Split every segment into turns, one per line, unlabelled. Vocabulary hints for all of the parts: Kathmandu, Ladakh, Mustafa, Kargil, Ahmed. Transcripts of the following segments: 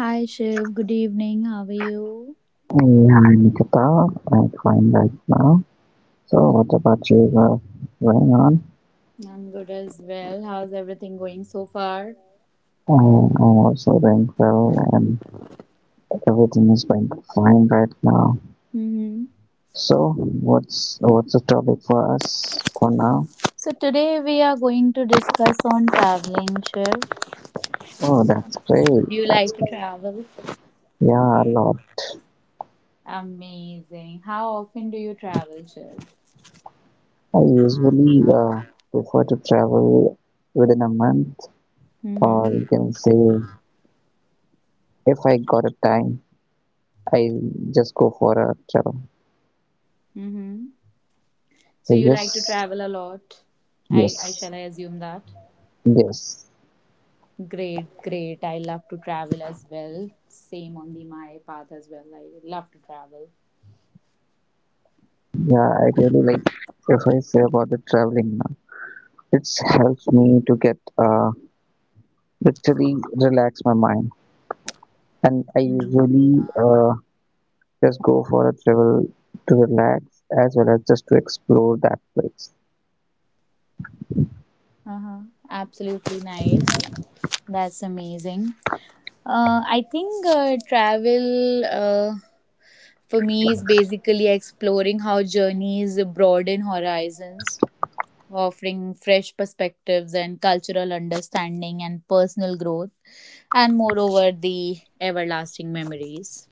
Hi Shiv, good evening. How are you?
Yeah, I'm Nikita. I'm fine right now. So, what about you? Going on?
I'm good as well. How's everything going so far?
I, I'm also doing well, and everything is going fine right now.
hmm
So, what's the topic for us for now?
So today we are going to discuss on traveling, Shiv.
Oh, that's great.
Do you
That's
like to
great.
travel?
Yeah, a lot.
Amazing. How often do you travel, Shiv?
I usually prefer to travel within a month, or
Mm-hmm.
you can say, if I got a time, I just go for a travel.
Mm-hmm. So
So
you like to
yes,
travel a lot? I
yes,
shall I assume that?
yes.
Great, great. I love to travel as well. Same on the my path as well. I love to travel.
Yeah, I really like if I say about the traveling now, it helps me to get literally relax my mind. And I
Mhm.
usually just go for a travel to relax as well as just to explore that place.
Uh-huh. Absolutely nice. That's amazing. I think travel for me is basically exploring how journeys broaden horizons, offering fresh perspectives and cultural understanding and personal growth, and moreover, the everlasting memories.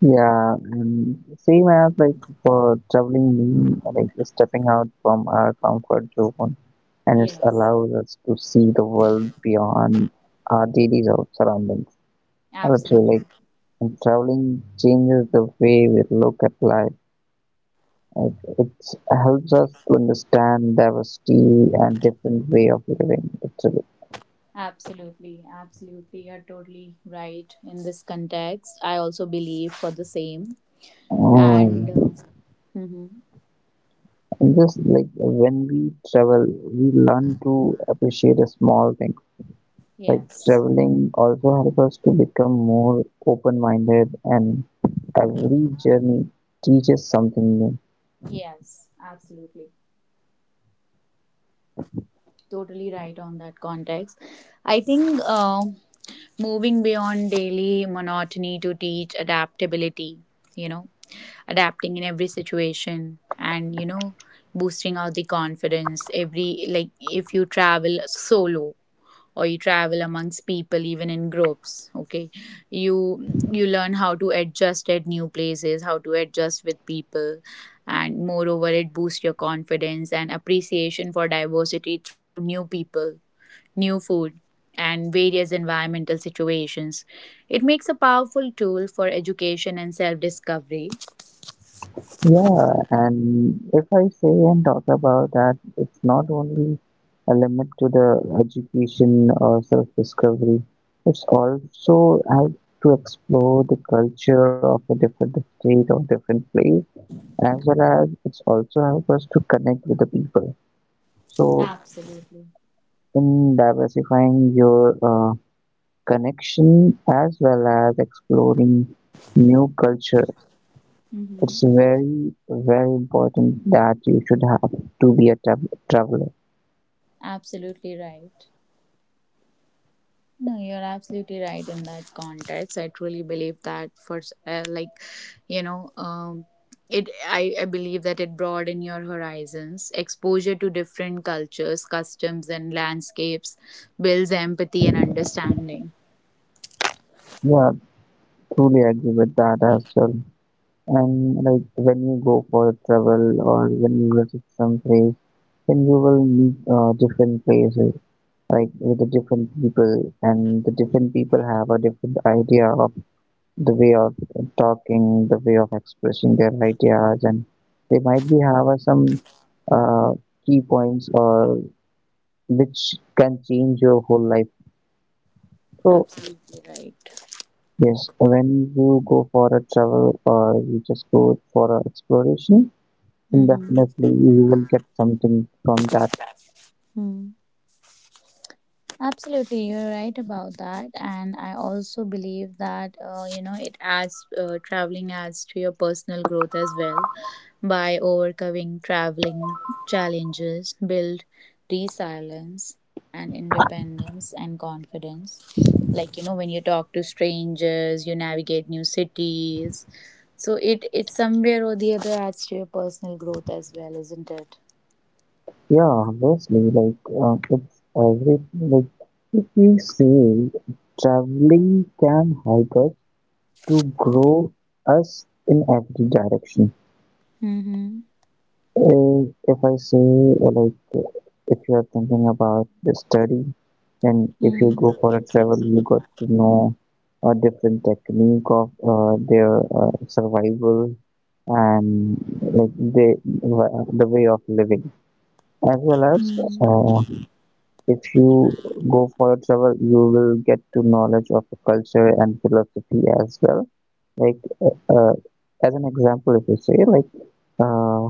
Yeah, and same as like for traveling me, like stepping out from our comfort zone, and it
Yes,
allows us to see the world beyond our daily surroundings. Literally
absolutely.
like, and traveling changes the way we look at life. It, it helps us to understand diversity and different way of living. Actually,
Absolutely, absolutely. You're totally right in this context. I also believe for the same. And
um,
hmm
and just like when we travel, we learn to appreciate the small things. Like
yes,
traveling also helps us to become more open-minded, and every journey teaches something new.
yes, absolutely. Totally right on that context. I think moving beyond daily monotony to teach adaptability, you know, adapting in every situation and boosting out the confidence. Every, like, if you travel solo, or you travel amongst people even in groups, okay, you you learn how to adjust at new places, how to adjust with people, and moreover it boosts your confidence and appreciation for diversity through new people, new food, and various environmental situations. It makes a powerful tool for education and self discovery.
Yeah, and if I say and talk about that, it's not only a limit to the education or self-discovery, it's also how to explore the culture of a different state or different place, as well as it's also help us to connect with the people. So
Absolutely.
in diversifying your connection as well as exploring new cultures. It's
Mhm.
very, very important that you should have to be a traveler.
Absolutely right. No, you're absolutely right in that context. I truly believe that like, you know, I believe that it broaden your horizons. Exposure to different cultures, customs and landscapes builds empathy and understanding.
Yeah, truly agree with that as well. And like when you go for a travel or when you visit some place, then you will meet different places, like with the different people, and the different people have a different idea of the way of talking, the way of expressing their ideas, and they might be have some uh, key points or which can change your whole life. So
Absolutely right.
yes, when you go for a travel or you just go for a exploration, then
Mm-hmm.
definitely you will get something from that.
Absolutely, you're right about that, and I also believe that it adds traveling adds to your personal growth as well by overcoming traveling challenges, build resilience and independence and confidence. Like you know, when you talk to strangers, you navigate new cities, so it somewhere or the other adds to your personal growth as well, isn't it?
Yeah, obviously, like it's every like if we say traveling can help us to grow us in every direction.
Mm-hmm.
Uh, if I say like if you are thinking about the study, and if you
Mm-hmm.
go for a travel you got to know a different technique of their survival, and like the way of living, as well as uh, if you go for a travel you will get to knowledge of the culture and philosophy as well, like as an example if you say like uh,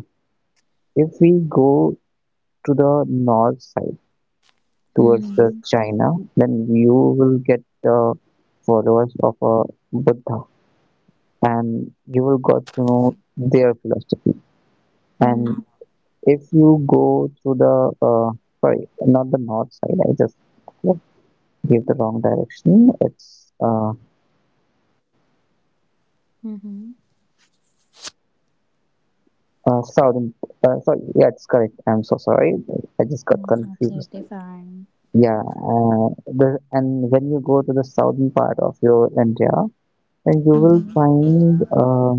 if we go to the north side towards the
Mm-hmm.
China, then you will get the followers of a Buddha, and you will got to know their philosophy.
Mm-hmm.
And if you go through the sorry, not the north side, I just gave the wrong direction. It's
Mhm.
southern. Sorry, yeah, it's correct. I'm so sorry. I just got
That's
confused.
absolutely fine.
Yeah, the, and when you go to the southern part of your India, and you will
Mhm.
find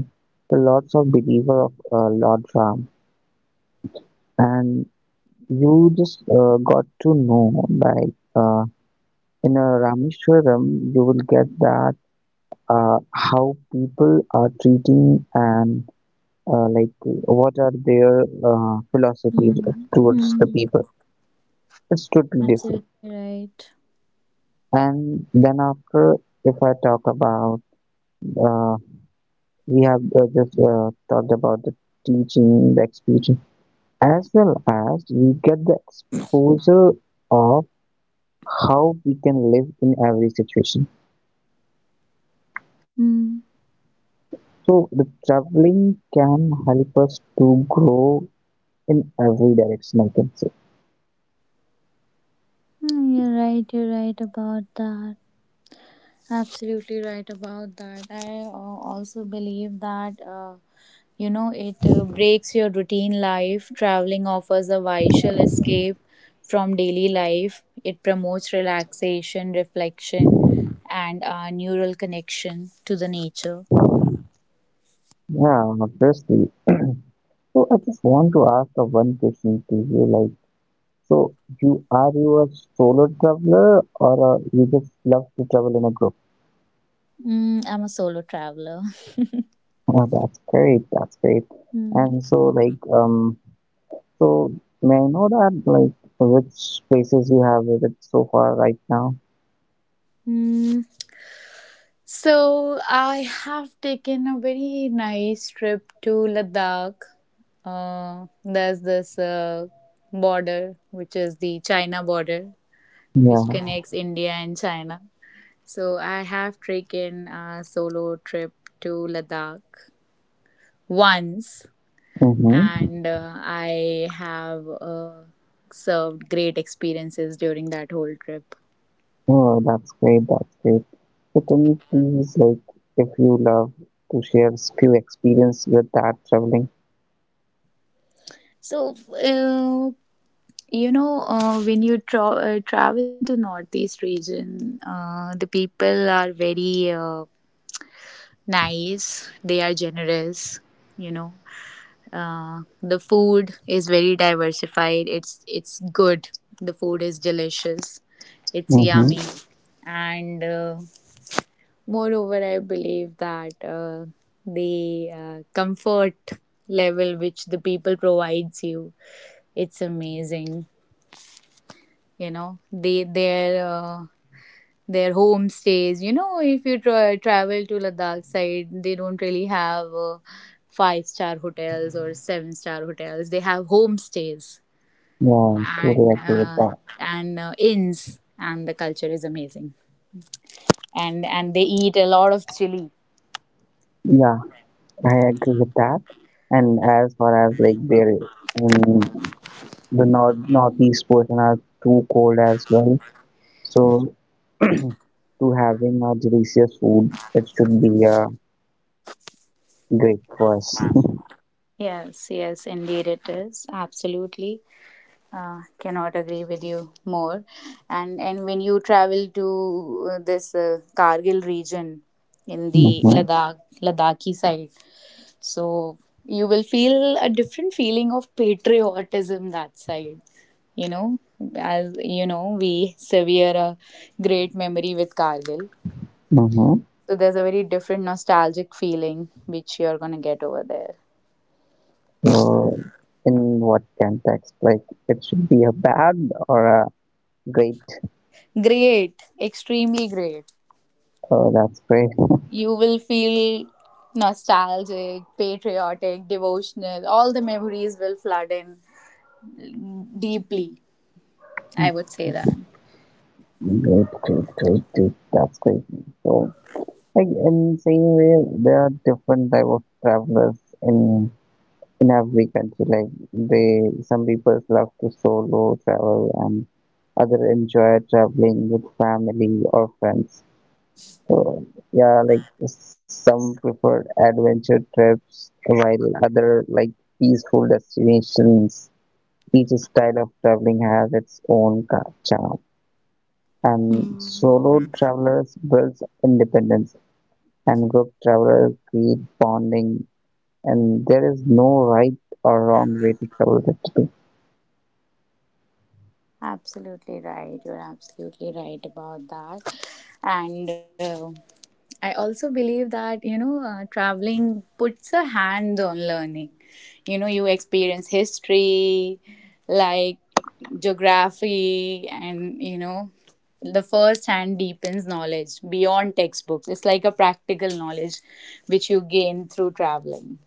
the lots of believer of Lord Ram, and you just got to know like in a Rameshwaram, you will get that how people are treating and like what are their philosophies
Mm.
towards the
Mhm.
people. It's totally different.
Absolutely right.
And then after, if I talk about uh, we have just talked about the teaching, the experience, as well as we get the exposure of how we can live in every situation.
Mm.
So the traveling can help us to grow in every direction, I can say.
Mm, you're right. You're right about that. Absolutely right about that. I also believe that you know it breaks your routine life. Traveling offers a vital escape from daily life. It promotes relaxation, reflection, and a neural connection to the nature.
Yeah, obviously. So I just want to ask a one question to you, like, so you are you a solo traveler or you just love to travel in a group?
Mm, I'm a solo traveler.
Oh, that's great, that's great.
Mm.
And so like so may I know that like which places you have visited so far right now?
Mm, so I have taken a very nice trip to Ladakh. There's this border, which is the China border, which
Yeah.
connects India and China. So I have taken a solo trip to Ladakh once,
Mm-hmm.
and I have served great experiences during that whole trip.
Oh, that's great. That's great. So can you please, like, if you love to share few experience with that traveling?
So, uh, when you travel to northeast region, the people are very nice, they are generous. you know the food is very diversified, it's good, the food is delicious, it's
Mm-hmm.
yummy, and moreover I believe that the comfort level which the people provides you, it's amazing. You know they their homestays. You know, if you travel to Ladakh side, they don't really have five-star hotels or seven-star hotels. They have homestays,
Yeah, totally
and
agree with
uh,
that.
and inns, and the culture is amazing. And they eat a lot of chili.
Yeah, I agree with that. And as far as like there in the north northeast portion are too cold as well. So to having a delicious food, it should be a great question.
Yes, yes, indeed it is. Absolutely. Cannot agree with you more. And when you travel to this Kargil region in the
Mm-hmm.
Ladakhi side, so you will feel a different feeling of patriotism that side. You know, as you know, we sever a great memory with Kargil.
Mm-hmm.
So there's a very different nostalgic feeling which you're gonna get over there.
So, in what context? Like, it should be a bad or a great.
Great, extremely great.
Oh, that's great.
You will feel nostalgic, patriotic, devotional. All the memories will flood in deeply. I would say that.
Great, great, great, great. That's great. So, like in same way, there are different type of travelers in in every country. Like, they some people love to solo travel and other enjoy traveling with family or friends. So yeah, like some preferred adventure trips, while other like peaceful destinations. Each style of traveling has its own charm. And
Hmm.
solo travelers builds independence, and group travelers create bonding. And there is no right or wrong way to travel actually.
Absolutely right. You're absolutely right about that. And I also believe that, you know, traveling puts a hand on learning. You know, you experience history, like geography, and, the first hand deepens knowledge beyond textbooks. It's like a practical knowledge which you gain through traveling.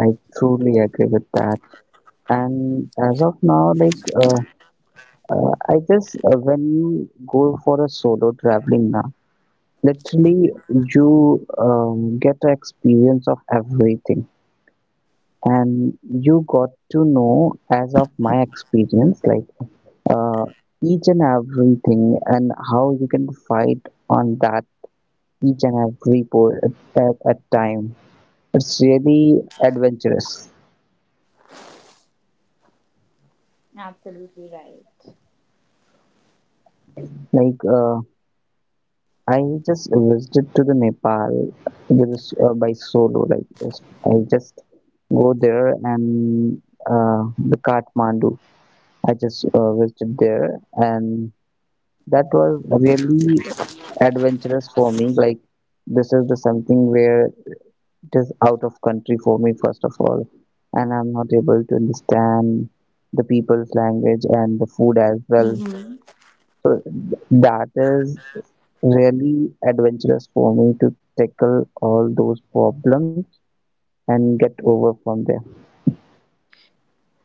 I truly agree with that. And as of now, like I just when you go for a solo traveling now, literally you get to experience of everything, and you got to know as of my experience like uh, each and everything and how you can fight on that each and every at time it's really adventurous,
Absolutely right.
like I just visited to the Nepal with, by solo like I just go there, and uh, the Kathmandu I just visited there, and that was really adventurous for me. Like this is the something where it is out of country for me first of all, and I'm not able to understand the people's language and the food as well.
Mhm.
So that is really adventurous for me to tackle all those problems and get over from there.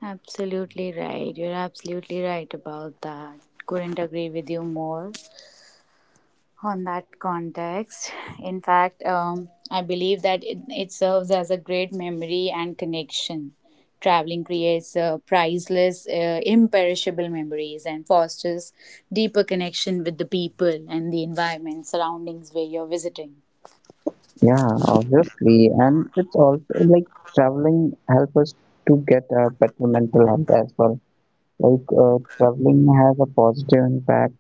Absolutely right. You're absolutely right about that. Couldn't agree with you more on that context. In fact, I believe that it serves as a great memory and connection. Traveling creates priceless, imperishable memories and fosters deeper connection with the people and the environment surroundings where you're visiting.
Yeah, obviously, and it's also like traveling help us to get a better mental health as well. Like traveling has a positive impact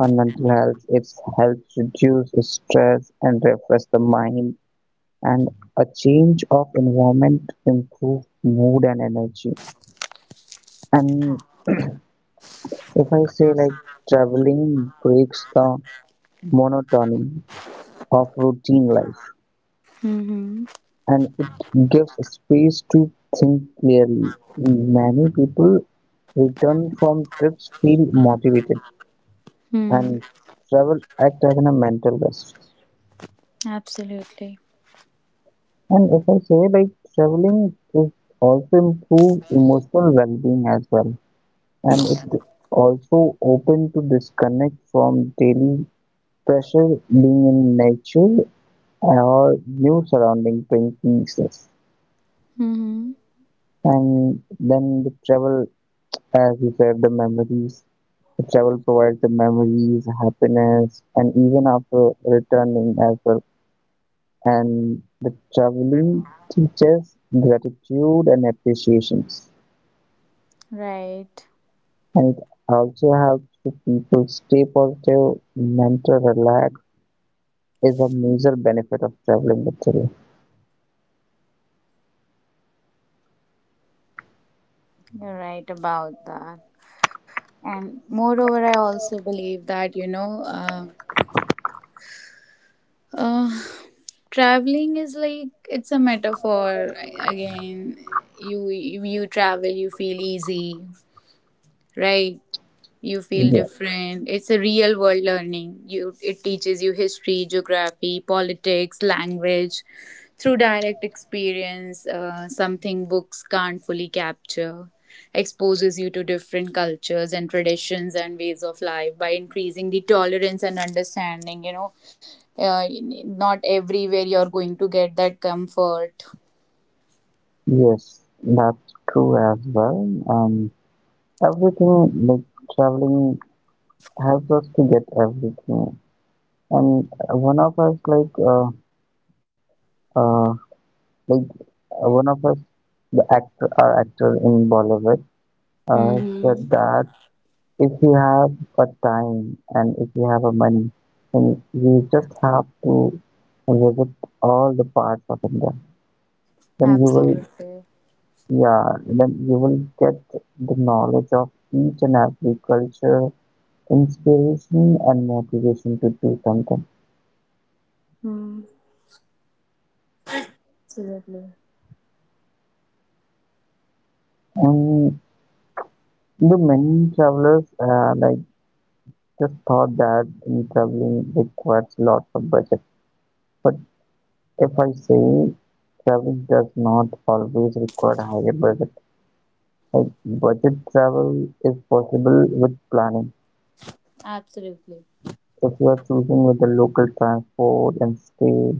on mental health. It helps reduce the stress and refresh the mind, and a change of environment improves mood and energy. And if I say like traveling breaks the monotony of routine life,
Mm-hmm.
and it gives space to think clearly. Many people return from trips feel motivated,
Mm,
and travel act as a mental rest.
absolutely.
And if I say like traveling is also improve emotional well-being as well, and it also open to disconnect from daily pressure, being in nature or new surrounding bring pieces.
Mm-hmm.
And then the travel, as you said, the memories, the travel provides the memories, happiness, and even after returning as well. And the traveling teaches gratitude and appreciations.
Right.
And it also helps to people stay positive, mental relax is a major benefit of traveling literally.
You're right about that. And moreover, I also believe that, you know, uh, traveling is like, it's a metaphor. Again, you travel, you feel easy, right? You feel
Yeah.
different. It's a real world learning. You It teaches you history, geography, politics, language through direct experience, something books can't fully capture. Exposes you to different cultures and traditions and ways of life by increasing the tolerance and understanding. You know, uh, not everywhere you're going to get that comfort.
Yes, that's true as well. Um, everything like traveling helps us to get everything. And one of us uh, like one of us, the actor, our actor in Bollywood, said
Mm-hmm.
that if you have a time and if you have a money, then you just have to visit all the parts of India. Then you will,
Absolutely.
yeah, then you will get the knowledge of each and every culture, inspiration and motivation to do something.
Mm. Absolutely.
And the many travelers, like just thought that in traveling requires lots of budget. But if I say travel does not always require a higher budget, like budget travel is possible with planning.
Absolutely.
If you are choosing with the local transport and stay,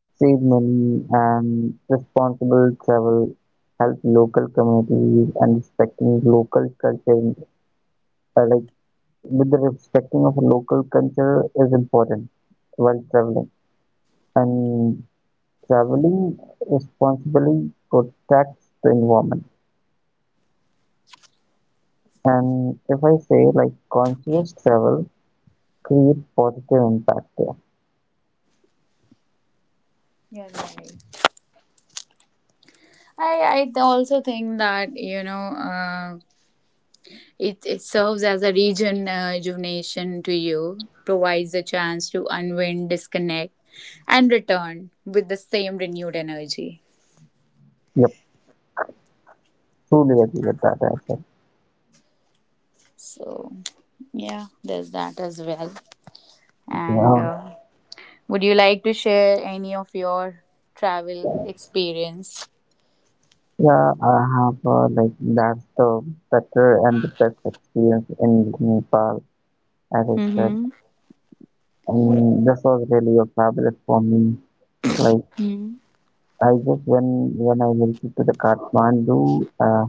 save money and responsible travel, help local communities and respecting local culture, like with the respecting of local culture is important while traveling. And traveling responsibly protects the environment, and if I say like conscious travel create positive impact there.
Yeah, you're right. I also think that, you know, it serves as a region rejuvenation to you, provides a chance to unwind, disconnect, and return with the same renewed energy.
Yep, truly agree with that answer.
So yeah, there's that as well. And
Yeah,
would you like to share any of your travel experience?
yeah, I have like that's the better and the best experience in Nepal, as I said,
Mm-hmm.
and this was really a fabulous for me. Like
Mm-hmm.
I just when I visited to the Kathmandu,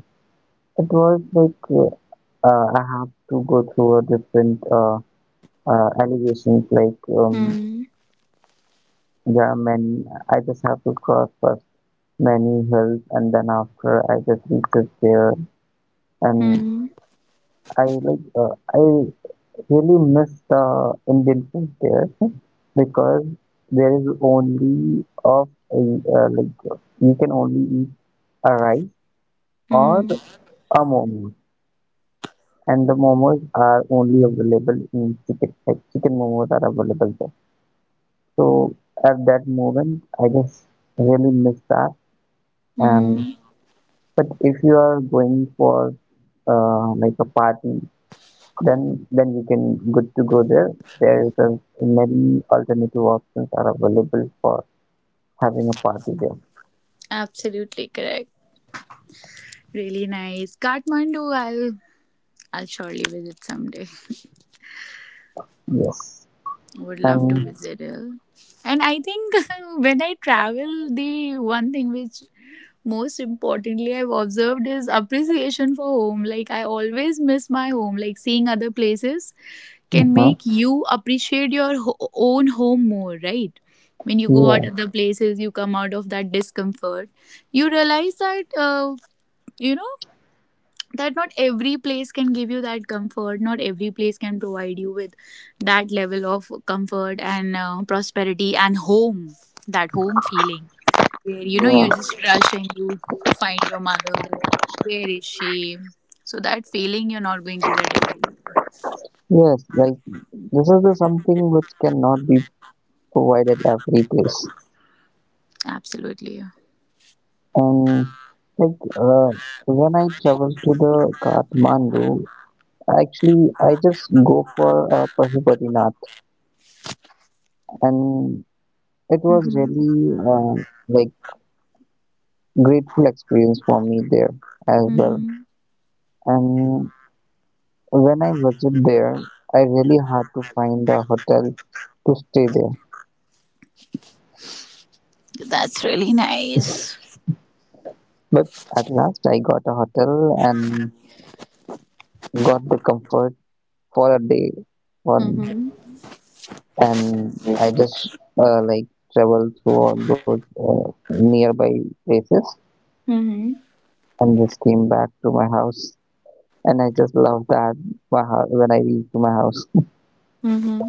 it was like I have to go through a different allegations like yeah, many. I just have to cross first many hills, and then after I just reaches there, and
Mm-hmm.
I like I really miss the Indian food there because there is only of a, like you can only eat a rice or a momos, and the momos are only available in chicken. Like chicken momos are available there. So at that moment, I just really miss that and.
Mm-hmm.
But if you are going for like a party, then you can good to go there. There is a many alternative options are available for having a party there.
Absolutely correct. Really nice. Kathmandu, I'll surely visit someday.
Yes,
Would love to
and
visit it. And I think when I travel, the one thing which most importantly I've observed is appreciation for home. Like I always miss my home. Like seeing other places can
uh,
make you appreciate your own home more, right? When you go out
yeah,
other places, you come out of that discomfort. You realize that you know that not every place can give you that comfort, not every place can provide you with that level of comfort and prosperity and home, that home feeling where you know
yeah,
you just rush and you find your mother, that, where is she, so that feeling you're not going to get every.
yes. Like this is the something which cannot be provided every place.
Absolutely.
And like when I travel to the Kathmandu, actually I just go for Pashupatinath, and it was
Mm-hmm.
really like grateful experience for me there as well.
Mm-hmm.
And when I visited there, I really had to find a hotel to stay there.
That's really nice.
But at last, I got a hotel and got the comfort for a day. One
Mm-hmm.
and I just like traveled through all those nearby places
Mm-hmm.
and just came back to my house. And I just love that when I reached to my house.
Mm-hmm.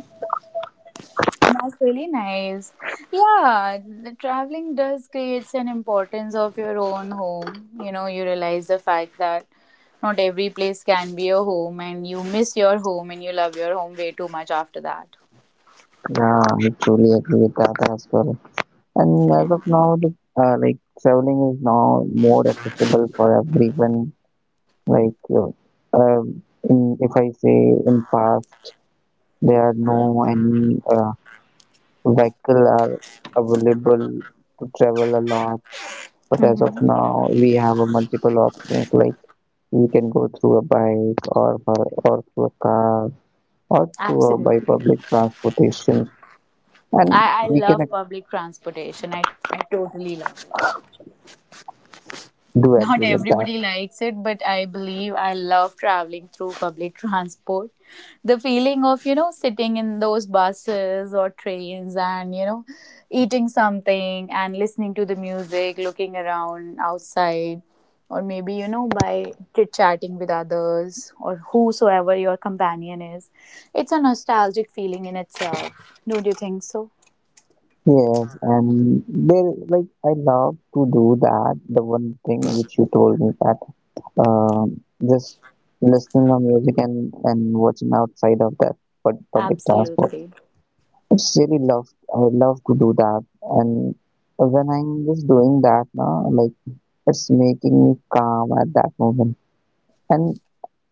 That's really nice. Yeah, the traveling does creates an importance of your own home. You know, you realize the fact that not every place can be your home, and you miss your home and you love your home way too much after that.
Yeah, I truly agree with that as well. And
Yeah.
as of now, the, like traveling is now more accessible for everyone. Like, um, in, if I say in past, there are no any vehicle are available to travel a lot. But as of
Hmm.
now, we have a multiple options. Like we can go through a bike or for, or through a car or through a, by
Absolutely.
public transportation, and
I
we can
love public transportation. I totally love it.
do agree
Not
with that.
everybody likes it, but I believe I love traveling through public transport. The feeling of, you know, sitting in those buses or trains and, you know, eating something and listening to the music, looking around outside, or maybe, you know, by chit chatting with others or whosoever your companion is. It's a nostalgic feeling in itself. Don't you think so?
Yes, and there, like, I love to do that. The one thing which you told me that um, just listening to music and watching outside of that public transport.
Absolutely.
It's really love. I love to do that, and when I'm just doing that now, like, it's making me calm at that moment. And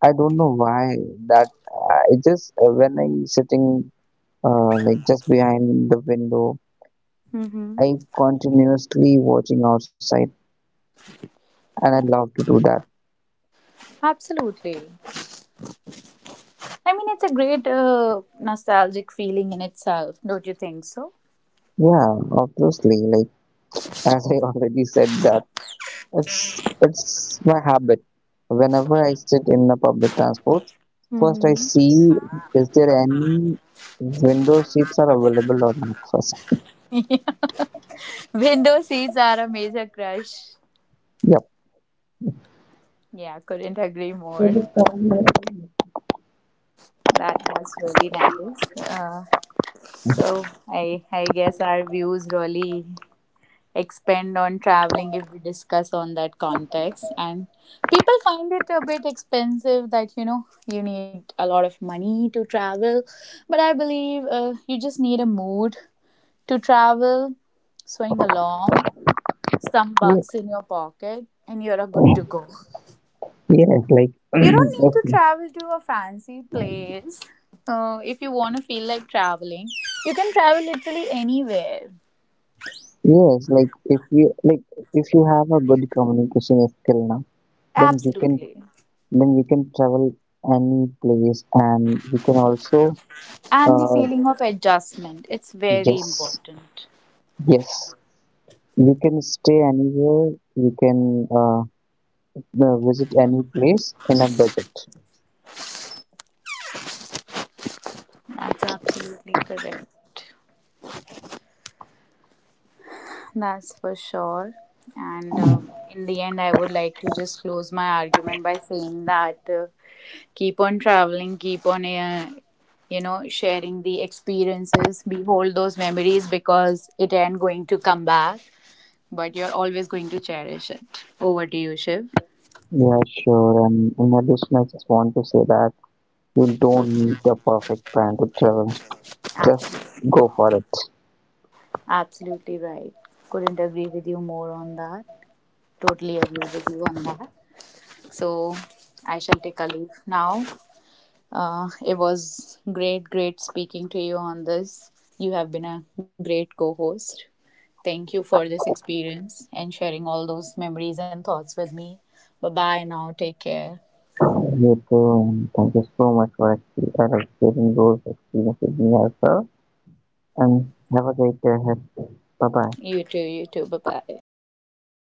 I don't know why that. It just when I'm sitting, like just behind the window.
Mm-hmm.
I continuously watching outside and I'd love to do that.
Absolutely. I mean, it's a great nostalgic feeling in itself. Don't you think so?
Yeah, obviously, like as I already said that it's my habit. Whenever I sit in the public transport, first I
Mm-hmm.
see is there any window seats are available or not first.
Window seats are a major crush.
Yep.
Yeah, couldn't agree more. That that's really nice. So I guess our views really expand on traveling if we discuss on that context, and people find it a bit expensive, that you know you need a lot of money to travel, but I believe you just need a mood to travel, swing along, some
Yeah.
bucks in your pocket, and you're a good to go.
Yes, like
You don't need to
if,
travel to a fancy place. If you want to feel like traveling, you can travel literally anywhere.
yes, like if you have a good communication skill now, then you can
Absolutely.
then you can travel any place, and you can also
And the
uh
feeling of adjustment, it's very
yes,
important.
yes, you can stay anywhere, you can visit any place in a budget.
That's absolutely correct. That's for sure. And in the end, I would like to just close my argument by saying that, keep on traveling, keep on sharing the experiences, behold those memories, because it ain't going to come back, but you're always going to cherish it. Over to you, Shiv.
Yeah, sure. And in addition, I just want to say that you don't need a perfect plan to travel. Just
Absolutely.
go for it.
Absolutely right. Couldn't agree with you more on that. Totally agree with you on that. So I shall take a leave now. It was great, great speaking to you on this. You have been a great co host. Thank you for this experience and sharing all those memories and thoughts with me. Bye bye now. Take care.
You too, and thank you so much for like sharing those experiences with me as well. And have a great day ahead. Bye bye.
You too, you too. Bye bye.